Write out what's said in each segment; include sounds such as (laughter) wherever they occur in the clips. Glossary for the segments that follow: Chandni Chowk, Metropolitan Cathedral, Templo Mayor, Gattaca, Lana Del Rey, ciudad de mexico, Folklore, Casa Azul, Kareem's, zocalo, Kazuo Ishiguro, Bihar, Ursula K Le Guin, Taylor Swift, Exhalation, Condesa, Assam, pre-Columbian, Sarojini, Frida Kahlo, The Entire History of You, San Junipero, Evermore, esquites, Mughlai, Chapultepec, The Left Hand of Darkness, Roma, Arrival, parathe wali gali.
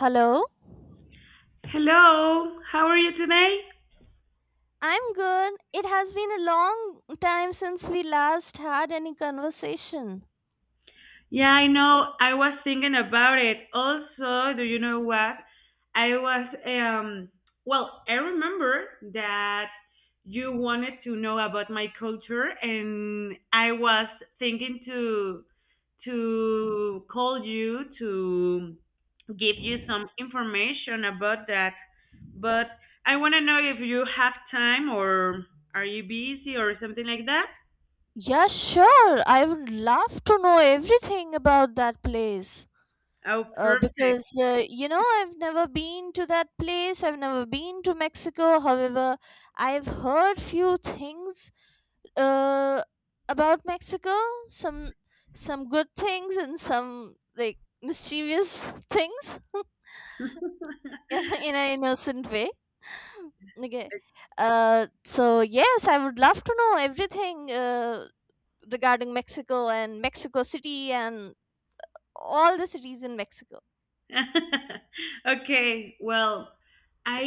Hello? Hello, how are you today? I'm good. It has been a long time since we last had any conversation. Yeah, I know. I was thinking about it. Also, do you know what? I was well, I remember that you wanted to know about my culture and I was thinking to call you to give you some information about that. But I want to know if you have time or are you busy or something like that? Yeah, sure. I would love to know everything about that place. Oh, perfect. Because, you know, I've never been to that place. I've never been to Mexico. However, I've heard few things uh, about Mexico. Some some good things and some like mischievous (laughs) things (laughs) in a innocent way. (laughs) Okay. So yes, I would love to know everything regarding Mexico and Mexico City and all the cities in Mexico. (laughs) Okay, well, I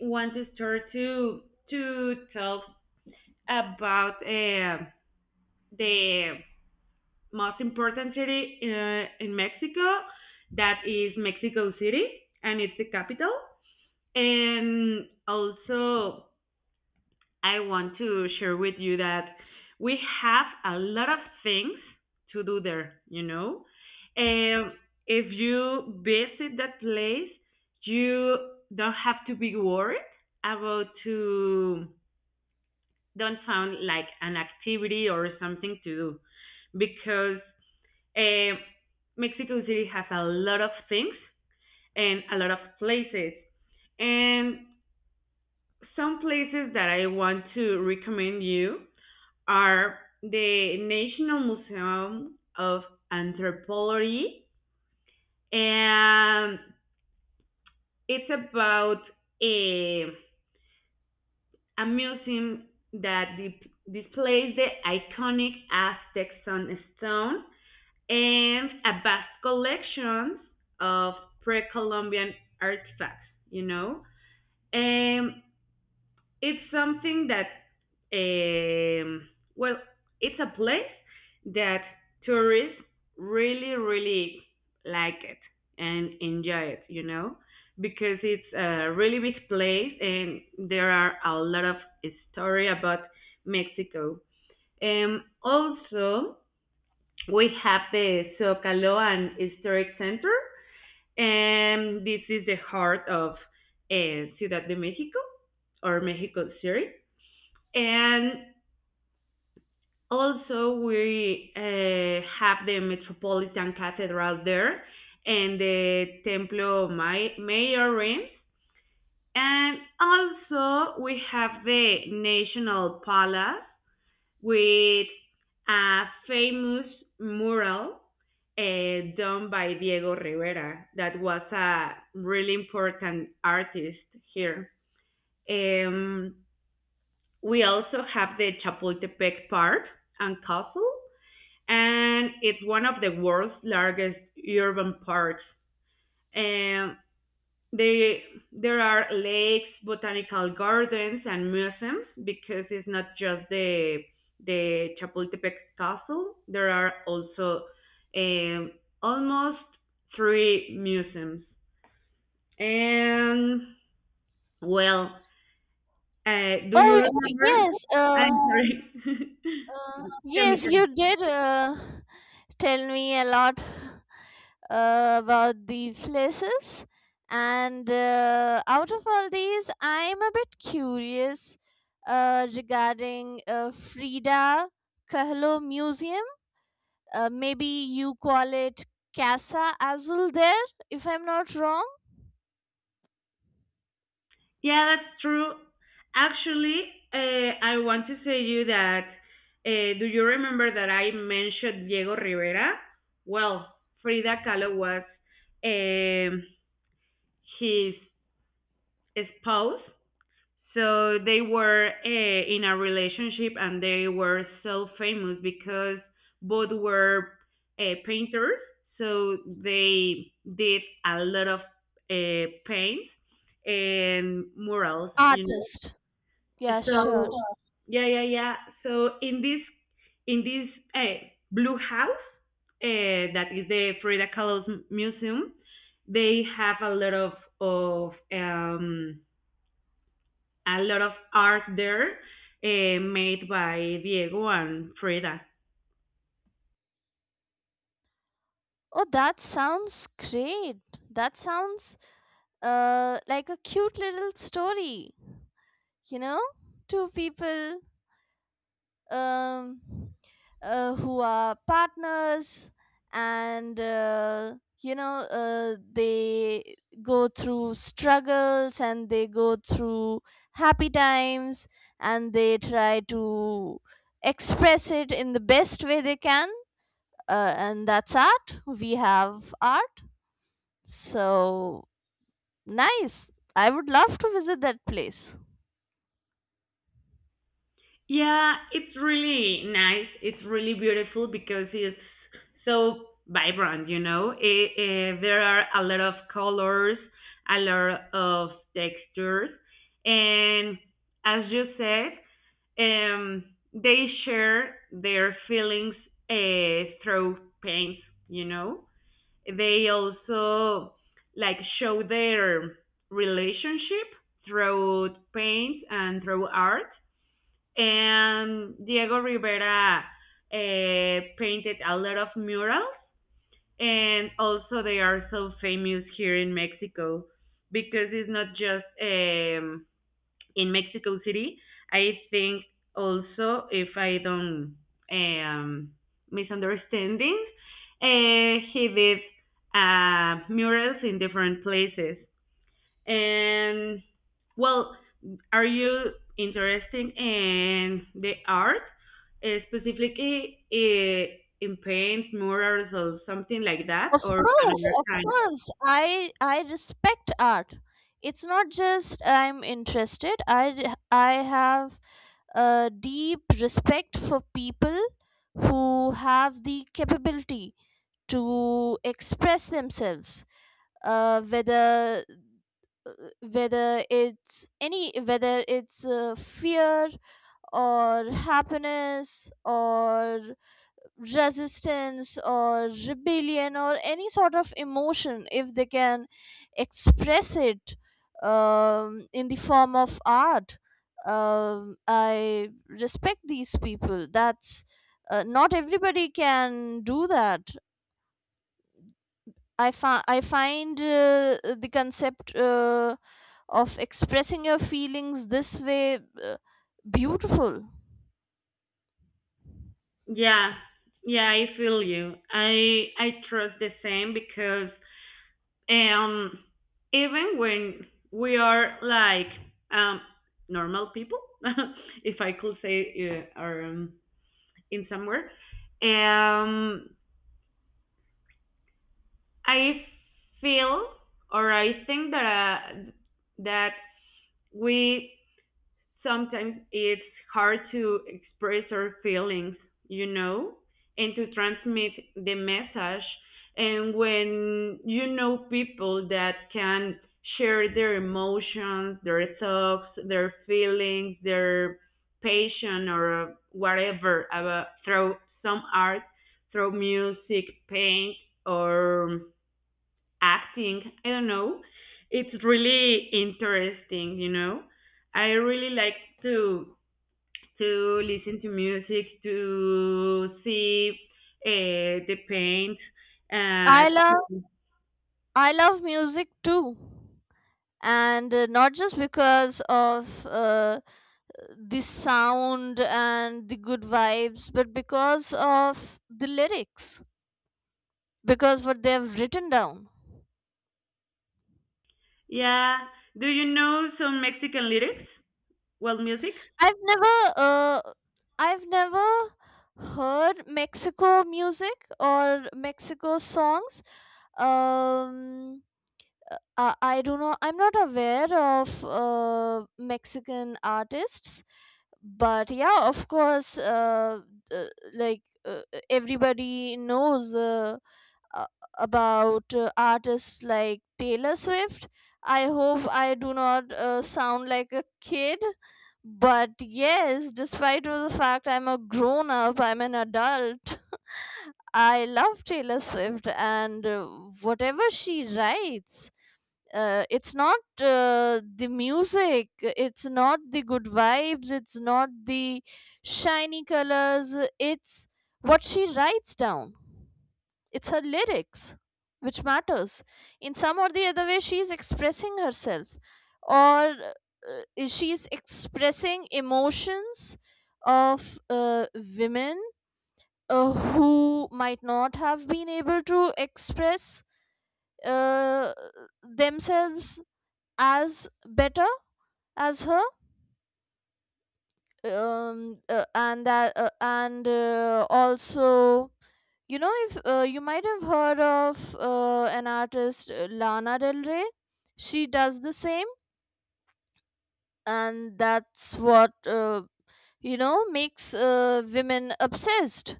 want to start to talk about the most important city in Mexico. That is Mexico City, and it's the capital. And also, I want to share with you that we have a lot of things to do there. And if you visit that place, you don't have to be worried about to don't sound like an activity or something to do because uh, Mexico City has a lot of things and a lot of places. And some places that I want to recommend you are the National Museum of Anthropology, and it's about a, a museum that displays the iconic Aztec sunstone and a vast collection of pre-Columbian artifacts. And it's something that um, well, it's a place that tourists really really like it and enjoy it because it's a really big place and there are a lot of story about Mexico. Also, we have the zocalo and historic center, and this is the heart of Ciudad de Mexico or Mexico City. And also, we have the Metropolitan Cathedral there and the Templo Mayor Reims. And also we have the National Palace with a famous mural done by Diego Rivera, that was a really important artist here. Um, we also have the Chapultepec Park and Castle, and it's one of the world's largest urban parks. And they, there are lakes, botanical gardens, and museums because it's not just the Chapultepec Castle. There are also um, almost three museums. And well, do Oh you remember? yes. I'm sorry. (laughs) Tell me, Yes, tell me. you did tell me a lot about the places, and out of all these, I'm a bit curious regarding Frida Kahlo Museum. Maybe you call it Casa Azul there, if I'm not wrong. Yeah, that's true. Actually, I want to say you that do you remember that I mentioned Diego Rivera? Well, Frida Kahlo was um, his spouse, so they were in a relationship and they were so famous because both were painters, so they did a lot of paints and murals. Artist. Yeah, sure. So yeah, yeah, yeah. So in this blue house that is the Frida Kahlo Museum, they have of um, a lot of art there made by Diego and Frida. Oh, that sounds great. That sounds like a cute little story, you know? Two people um, who are partners and you know they go through struggles and they go through happy times, and they try to express it in the best way they can, and that's art. We have art, so nice. I would love to visit that place. Yeah, it's really nice. It's really beautiful because it's so vibrant. There are a lot of colors, a lot of textures, and as you said, they share their feelings through paint, you know. They also like show their relationship through paint and through art, and Diego Rivera painted a lot of murals, and also they are so famous here in Mexico because it's not just in Mexico City. I think also if I don't um, misunderstanding, he did murals in different places. And well, are you interested in the art, specifically in paints, murals, or something like that, Of or course, another of kind? course. I respect art. It's not just I'm interested. I have a deep respect for people who have the capability to express themselves. Uh, whether uh, whether it's fear or happiness or resistance or rebellion or any sort of emotion, if they can express it in the form of art, I respect these people. That's not everybody can do that. I find the concept of expressing your feelings this way uh, beautiful. Yeah, yeah, I feel you. I trust the same because um even when we are like um normal people, (laughs) if I could say, or in somewhere, um I feel or I think that we sometimes it's hard to express our feelings, you know, and to transmit the message. And when you know people that can share their emotions, their thoughts, their feelings, their passion or whatever about through some art, through music, paint or acting. I don't know. It's really interesting. I really like to to listen to music, to see the paint. I Uh, love, I love music too, and not just because of the sound and the good vibes, but because of the lyrics, because what they have written down. yeah. Do you know some Mexican lyrics? Well, music. I've never uh, i've never heard mexico music or mexico songs. um I do not. I'm not aware of Mexican artists, but yeah, of course, uh, like everybody knows uh, about artists like Taylor Swift. I hope I do not sound like a kid, but yes, despite of the fact I'm a grown up, I'm an adult. I love Taylor Swift, and whatever she writes, it's not the music, it's not the good vibes, it's not the shiny colors, it's what she writes down, it's her lyrics which matters. In some or the other way, she is expressing herself, or she is expressing emotions of women who might not have been able to express uh, themselves as better as her, and that and also, you know, if you might have heard of an artist, Lana Del Rey, she does the same, and that's what, you know, makes women obsessed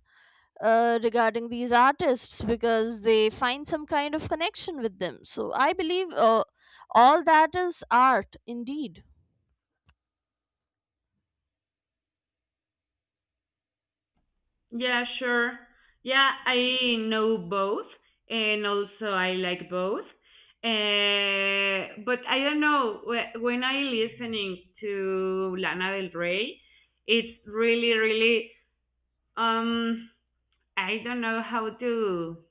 regarding these artists, because they find some kind of connection with them. So I believe all that is art indeed. Yeah, sure. Yeah, I know both, and also I like both. But I don't know, when I listening to Lana Del Rey, it's really, really, um, I don't know how to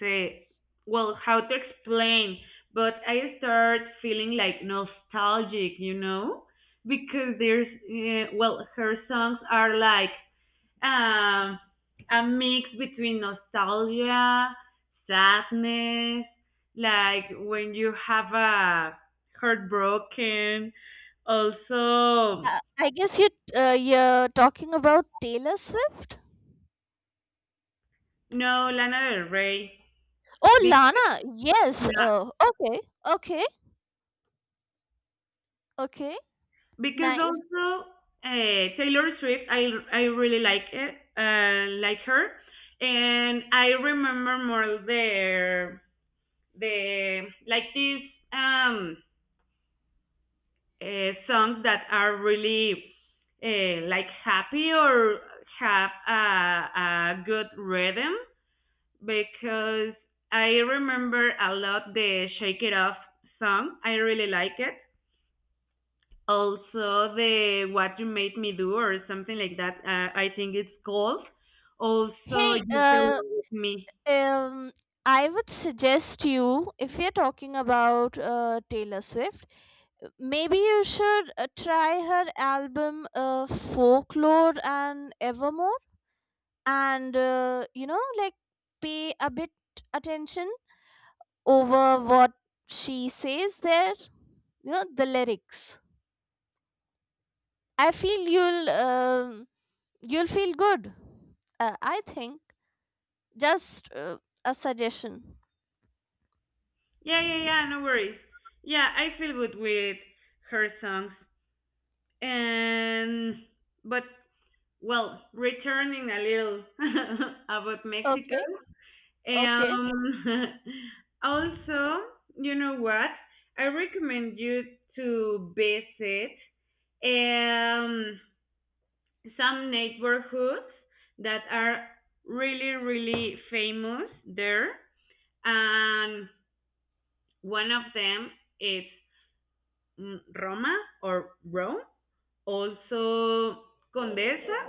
say, well, how to explain, but I start feeling like nostalgic, because there's, well, her songs are like um, a mix between nostalgia, sadness, like when you have a heartbroken, also I guess you, you're talking about Taylor Swift. no Lana Del Rey, Oh, because, Lana. Yes. yeah, Okay. Okay. Okay. because Nice. also Taylor Swift, I really like it, like her, and I remember more their the like this um songs that are really like happy or have a good rhythm because I remember a lot the Shake It Off song. I really like it. Also the What You Made Me Do or something like that. I think it's called. Also Hey. You Belong With Me. Um. I would suggest you, if you're talking about Taylor Swift, maybe you should try her album, Folklore and Evermore, and you know, like pay a bit attention over what she says there, you know, the lyrics. I feel you'll feel good, I think. Just a suggestion. Yeah, yeah, yeah. No worries. Yeah, I feel good with her songs. And but Well, returning a little (laughs) about Mexico. Okay, okay. Um, (laughs) Also, you know what? I recommend you to visit um, some neighborhoods that are really, really famous there. And one of them is Roma or Rome, also Condesa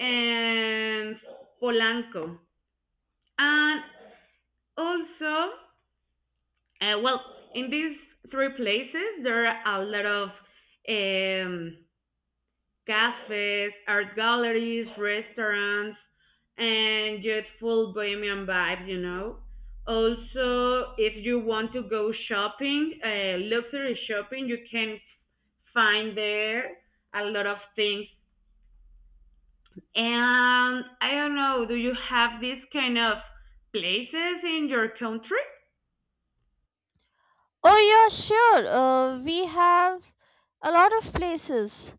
and Polanco. And also, well, in these three places, there are a lot of um, cafes, art galleries, restaurants, and just full bohemian vibe. Also, if you want to go shopping, luxury shopping, you can find there a lot of things. And I don't know, do you have these kind of places in your country? Oh yeah, sure, we have a lot of places,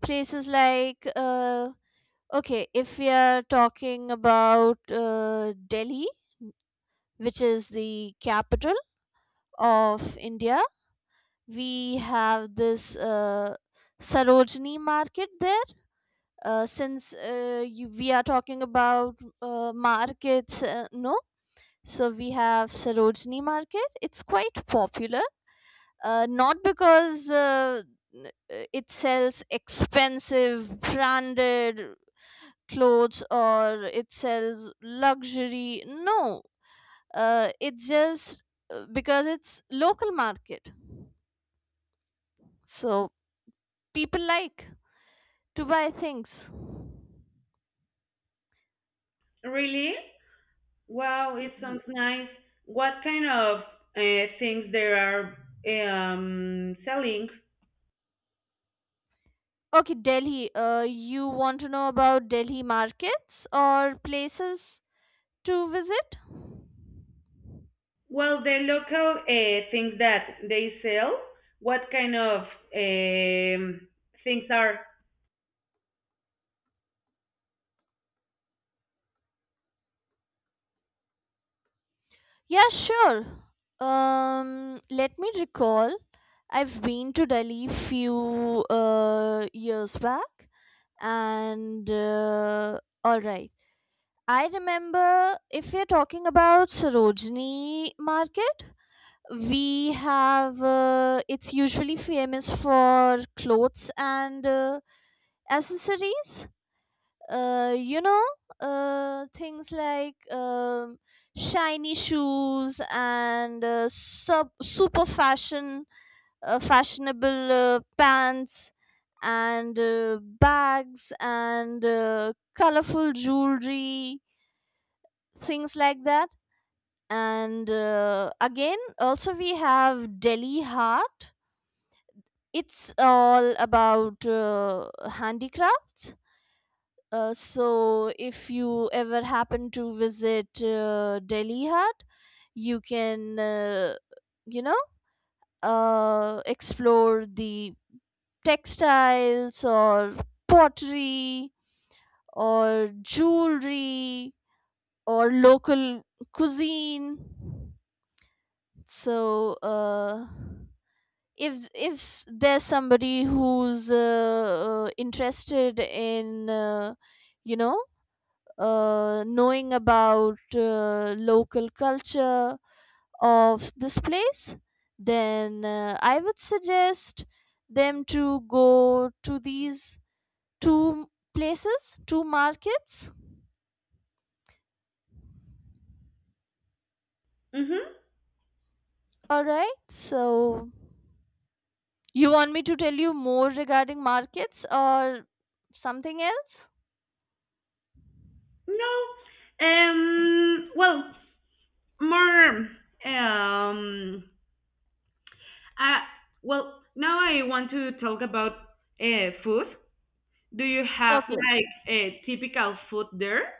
places like, okay, if we are talking about Delhi, which is the capital of India, we have this Sarojini market there. Since we are talking about markets, no? So we have Sarojini market. It's quite popular, not because it sells expensive branded clothes or it sells luxury. No, it's just because it's local market. So people like to buy things. Really? Wow, it sounds nice. What kind of things there are eh, selling? Okay, Delhi. You want to know about Delhi markets or places to visit? Well, the local things that they sell. What kind of um, things are? Yeah, sure. Let me recall. I've been to Delhi few years back, and all right. I remember, if you're talking about Sarojini Market, we have it's usually famous for clothes and accessories, you know, things like shiny shoes and super fashion, fashionable pants and bags and colorful jewelry, things like that. And again, also we have Delhi Heart. It's all about handicrafts. So if you ever happen to visit Delhi Hat, you can, you know, explore the textiles or pottery or jewelry or local cuisine. So, if there's somebody who's interested in, you know, knowing about local culture of this place, then I would suggest them to go to these two places, two markets. Mm-hmm. All right, so you want me to tell you more regarding markets or something else? No. Well, more. Uh, well, now I want to talk about food. Do you have Okay. like a typical food there,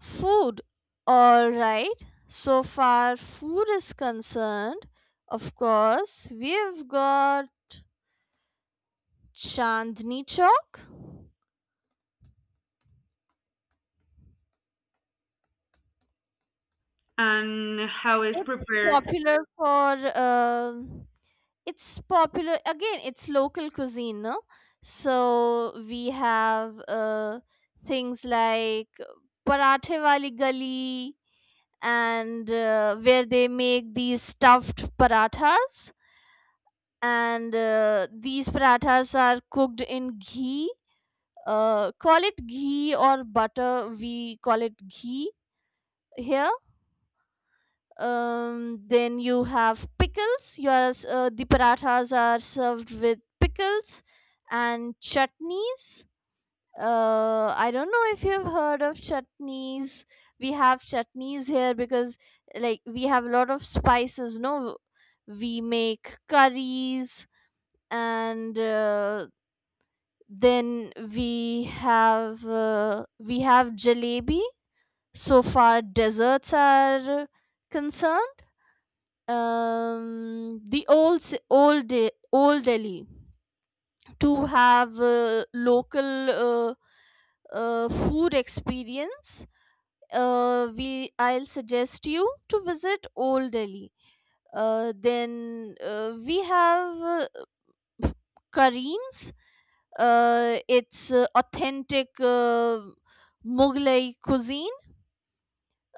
Food. All right. So far, food is concerned. Of course, we've got Chandni Chowk. and how is It's prepared? popular for. It's popular again. It's local cuisine, no? So we have things like parathe wali gali, and where they make these stuffed parathas, and these parathas are cooked in ghee, call it ghee or butter, we call it ghee here. Then you have pickles, yours the parathas are served with pickles and chutneys. I don't know if you've heard of chutneys. We have chutneys here because, like, we have a lot of spices, no? We make curries, and then we have, we have jalebi. So far, desserts are concerned. The old ci- old De- old Delhi to have local, food experience. We I'll suggest you to visit Old Delhi, then we have Kareem's. It's authentic Mughlai cuisine.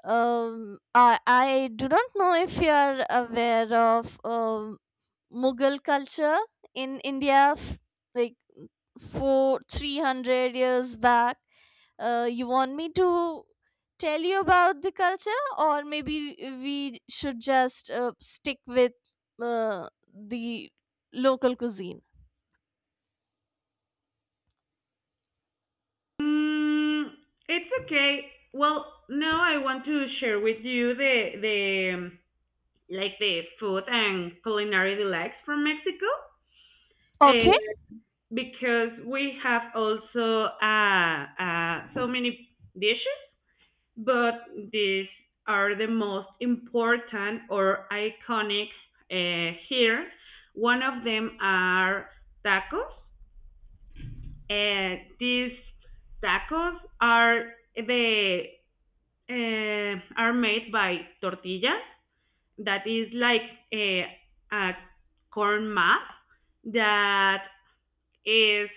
I do not know if you are aware of Mughal culture in India, like four, 300 years back. You want me to tell you about the culture, or maybe we should just stick with uh, the local cuisine? Mm, it's okay. Well, now I want to share with you the like the food and culinary delights from Mexico. Uh, Okay. because we have also so many dishes, but these are the most important or iconic here. One of them are tacos. These tacos are the are made by tortillas. That is like a corn mass that is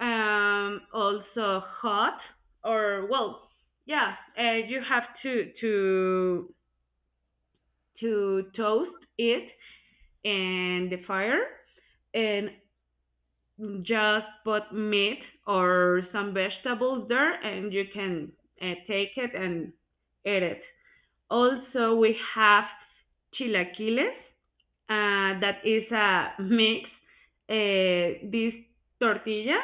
also hot or well, yeah. You have to to toast it in the fire and just put meat or some vegetables there, and you can take it and eat it. Also, we have chilaquiles, that is a mix. This tortilla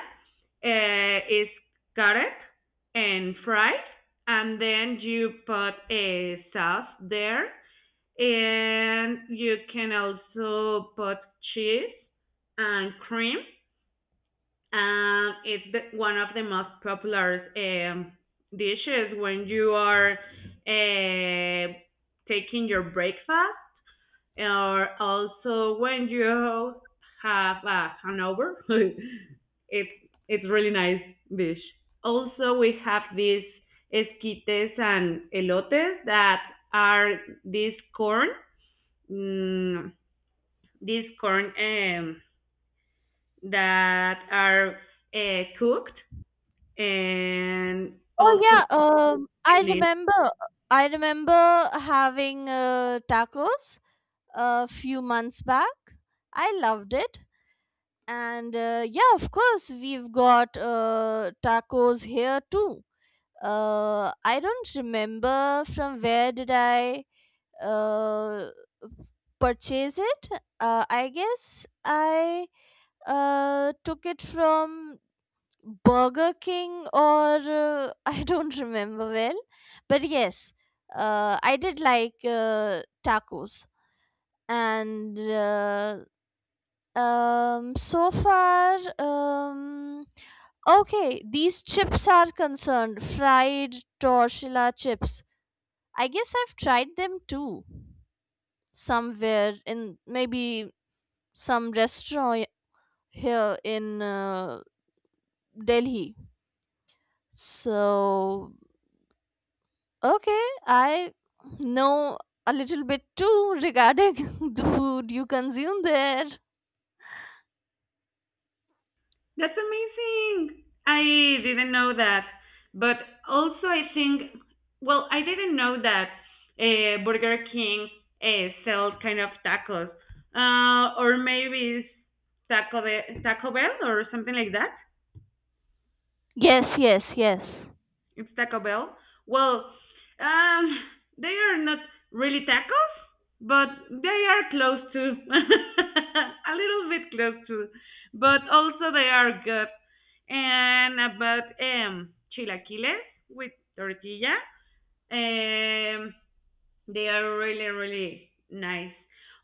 is carrot and fried, and then you put a sauce there, and you can also put cheese and cream. It's one of the most popular dishes when you are uh, taking your breakfast, or also when you have a hangover. (laughs) it's it's really nice dish. Also, we have these esquites and elotes that are this mm, corn, that are cooked, and Oh also yeah, I really- remember. I remember having tacos a few months back. I loved it, and yeah, of course, we've got tacos here too. I don't remember from where did I uh, purchase it. I guess I took it from Burger King, or (laughs) I don't remember well, but yes, I did like tacos, and so far, okay, these chips are concerned, fried tortilla chips. I guess I've tried them too, somewhere in maybe some restaurant here in Delhi. So okay, I know a little bit too regarding (laughs) the food you consume there. that's amazing. I didn't know that, but also I think well I didn't know that Burger King sells kind of tacos, or maybe it's Taco Bell or something like that. Yes, yes, yes. It's Taco Bell. Well, um, they are not really tacos, but they are close to, (laughs) a little bit close to, but also they are good. And about chilaquiles with tortilla, um, they are really, really nice.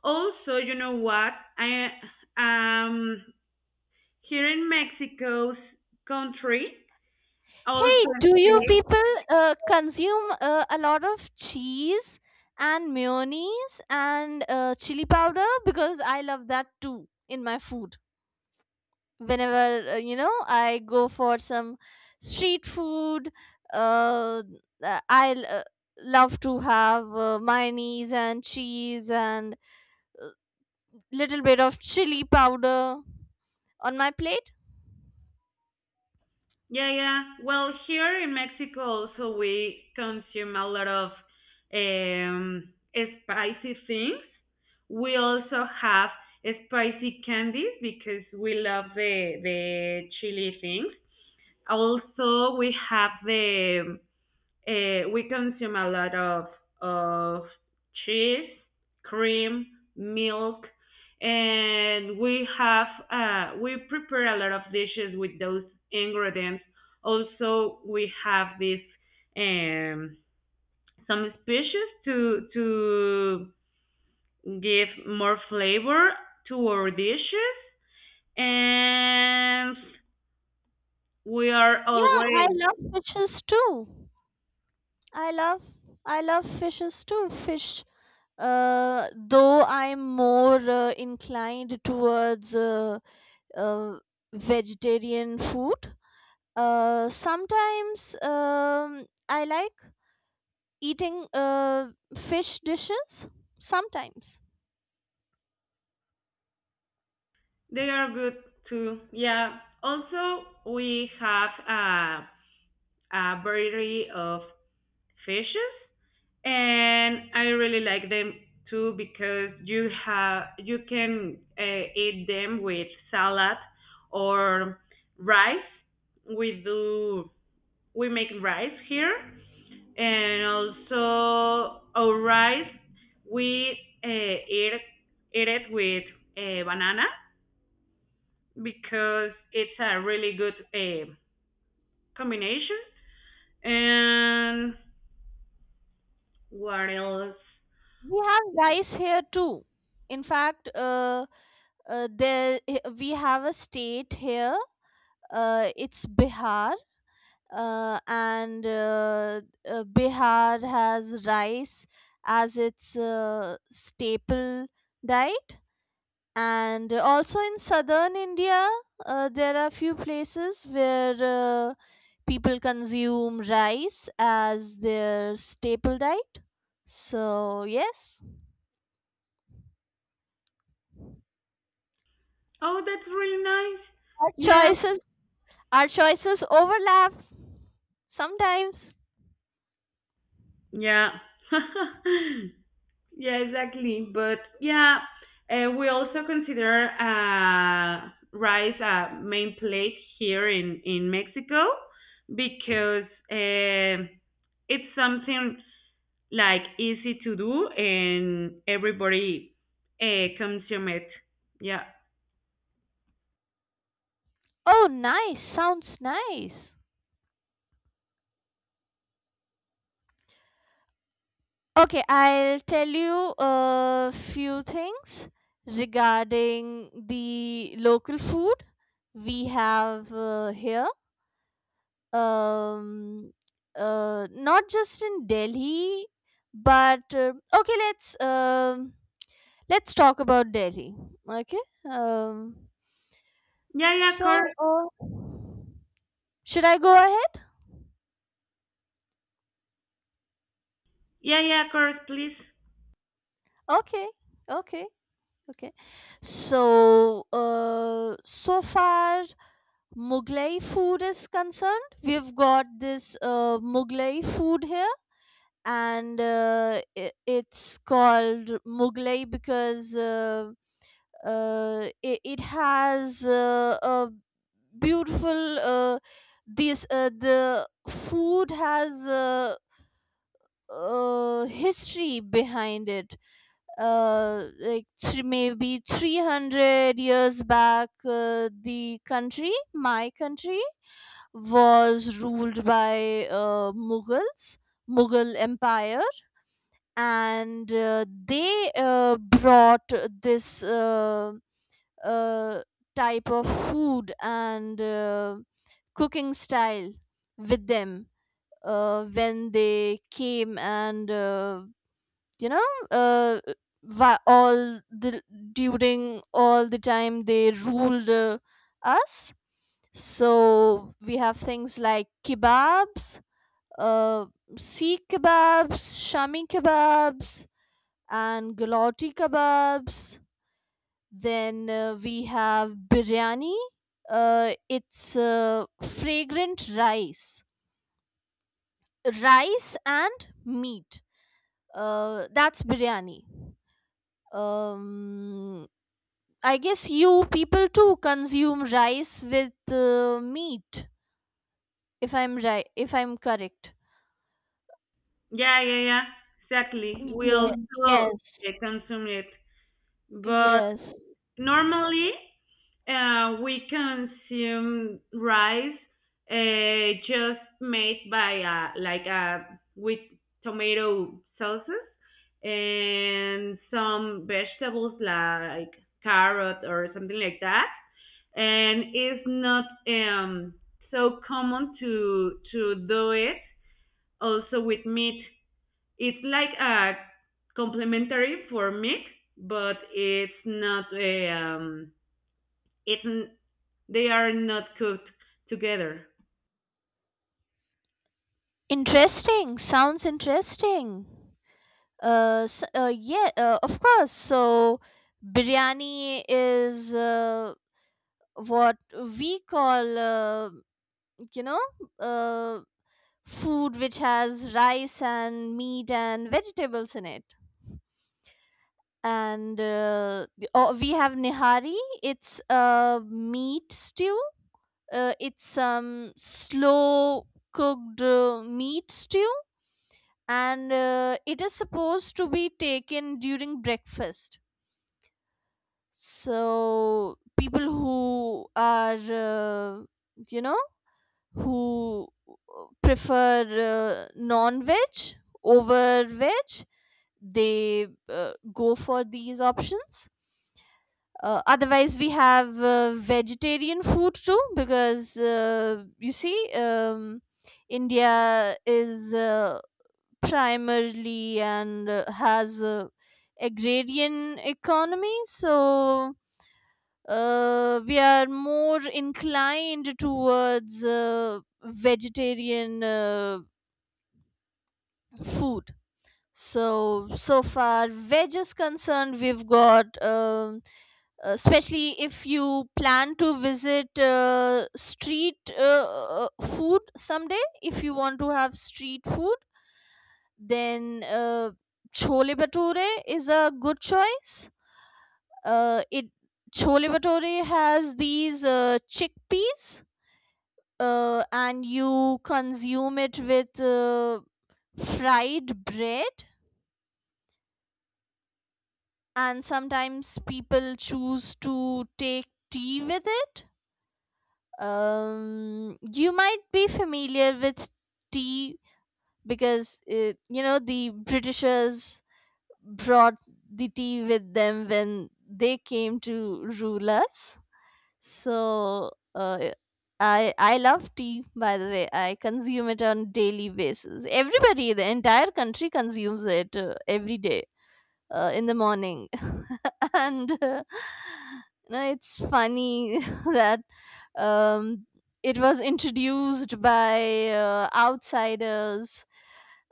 Also, you know what? I um here in Mexico's country also. Hey, do you people consume a lot of cheese and mayonnaise and chili powder? Because I love that too in my food. Whenever, you know, I go for some street food, uh, I love to have mayonnaise and cheese and little bit of chili powder on my plate. Yeah, yeah. Well, here in Mexico also we consume a lot of spicy things. We also have spicy candies because we love the chili things. Also, we have the we consume a lot of cheese, cream, milk, and we prepare a lot of dishes with those ingredients. Also, we have this um, some species to give more flavor to our dishes, and we are Yeah, I always. love fishes too. I love I love fishes too. Fish, though I'm more inclined towards uh, vegetarian food. Sometimes I like eating fish dishes sometimes. They are good too. Yeah. Also, we have a variety of fishes, and I really like them too because you can eat them with salad or rice. We do we make rice here, and also our rice we uh, eat eat it with banana because it's a really good combination. And what else? We have rice here too. In fact, we have a state here. It's Bihar, and Bihar has rice as its staple diet. And also in southern India, there are few places where uh, people consume rice as their staple diet. So yes, Oh, that's really our nice. choices our choices overlap sometimes. Yeah, yeah, (laughs) yeah, exactly. But yeah, we also consider rice a main plate here in Mexico because um it's something like easy to do and everybody consume it. Yeah. Oh, nice. Sounds nice. Okay, I'll tell you a few things regarding the local food we have here. Um, not just in Delhi, but okay, let's talk about Delhi. Okay. Um, Yeah, yeah, of course. so, should I go ahead? Yeah, yeah, of course, please. Okay, okay, okay. So, so far, Mughlai food is concerned, we've got this Mughlai food here, and it's called Mughlai because, it has a beautiful, this the food has, history behind it. Maybe 300 years back, the country my country was ruled by Mughals, Mughal Empire, and they brought this uh, type of food and cooking style with them when they came, and you know, uh, why all the during all the time they ruled us. So we have things like kebabs, uh, sikh kebabs, shami kebabs, and galati kebabs. Then we have biryani. It's fragrant rice and meat, that's biryani. um I guess you people too consume rice with meat, if I'm right, if I'm correct. Yeah, yeah, yeah. Exactly. We Yeah. also Yes. Consume it. But Yes. normally, we consume rice just made by like with tomato sauces and some vegetables like carrot or something like that. And it's not so common to do it also with meat. It's like a complementary for meat, but it's not a it's n- they are not cooked together. Interesting. Sounds interesting. Yeah, of course. So biryani is, what we call, you know, uh, food which has rice and meat and vegetables in it. And oh, we have nihari. It's a meat stew, it's some slow cooked meat stew, and it is supposed to be taken during breakfast. So people who are, you know, who prefer non-veg over veg, they go for these options. Otherwise, we have vegetarian food too, because you see, India is, primarily and has a agrarian economy, so we are more inclined towards vegetarian food. So, so far, veg is concerned, we've got, especially if you plan to visit, street food someday. If you want to have street food, then chole bhature is a good choice. It Chole bhature has these chickpeas, and you consume it with fried bread, and sometimes people choose to take tea with it. You might be familiar with tea because, you know, the Britishers brought the tea with them when they came to rule us. So, I love tea. By the way, I consume it on daily basis. Everybody, the entire country consumes it every day in the morning. (laughs) (laughs) And you know, it's funny (laughs) that, um, it was introduced by outsiders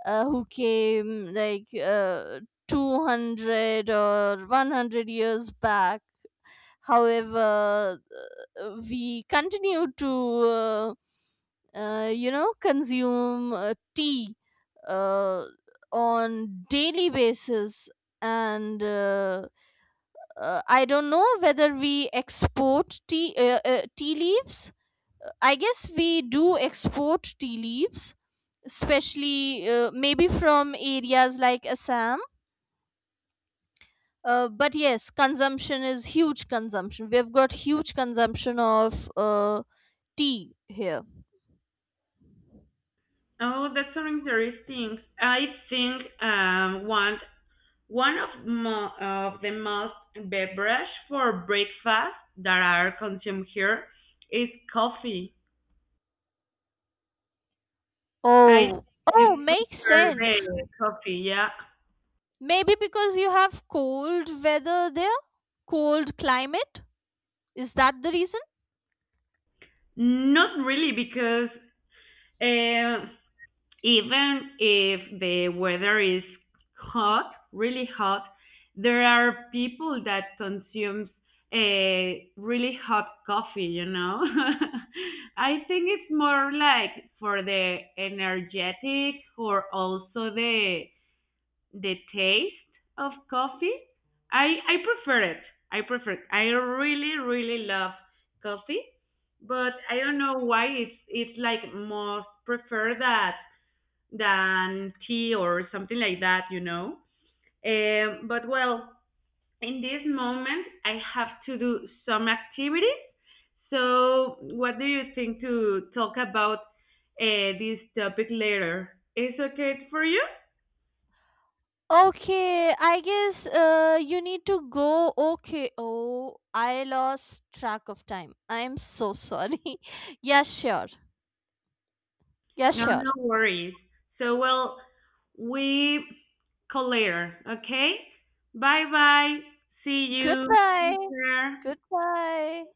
who came like 200 or 100 years back. However, we continue to, you know, consume tea uh, on daily basis, and I don't know whether we export tea, tea leaves. I guess we do export tea leaves, especially maybe from areas like Assam. But yes, consumption is huge consumption. We've got huge consumption of tea here. Oh, that's so interesting. I think one of the most beverage for breakfast that are consumed here is coffee. I Oh, is oh, makes prefer sense. the coffee, yeah. Maybe because you have cold weather there, cold climate. Is that the reason? Not really because uh, even if the weather is hot, really hot, there are people that consumes a really hot coffee. (laughs) I think it's more like for the energetic or also the taste of coffee. I prefer it. I prefer it. I really really love coffee, but I don't know why it's like most prefer that than tea or something like that. But well, in this moment, I have to do some activities. So, what do you think to talk about this topic later? Is okay for you? Okay, I guess you need to go. Okay, oh, I lost track of time. I'm so sorry. (laughs) Yeah, sure. Yeah, No, sure. no worries. So, well, we call later, okay? Bye bye. See you. Take Goodbye. care. Goodbye.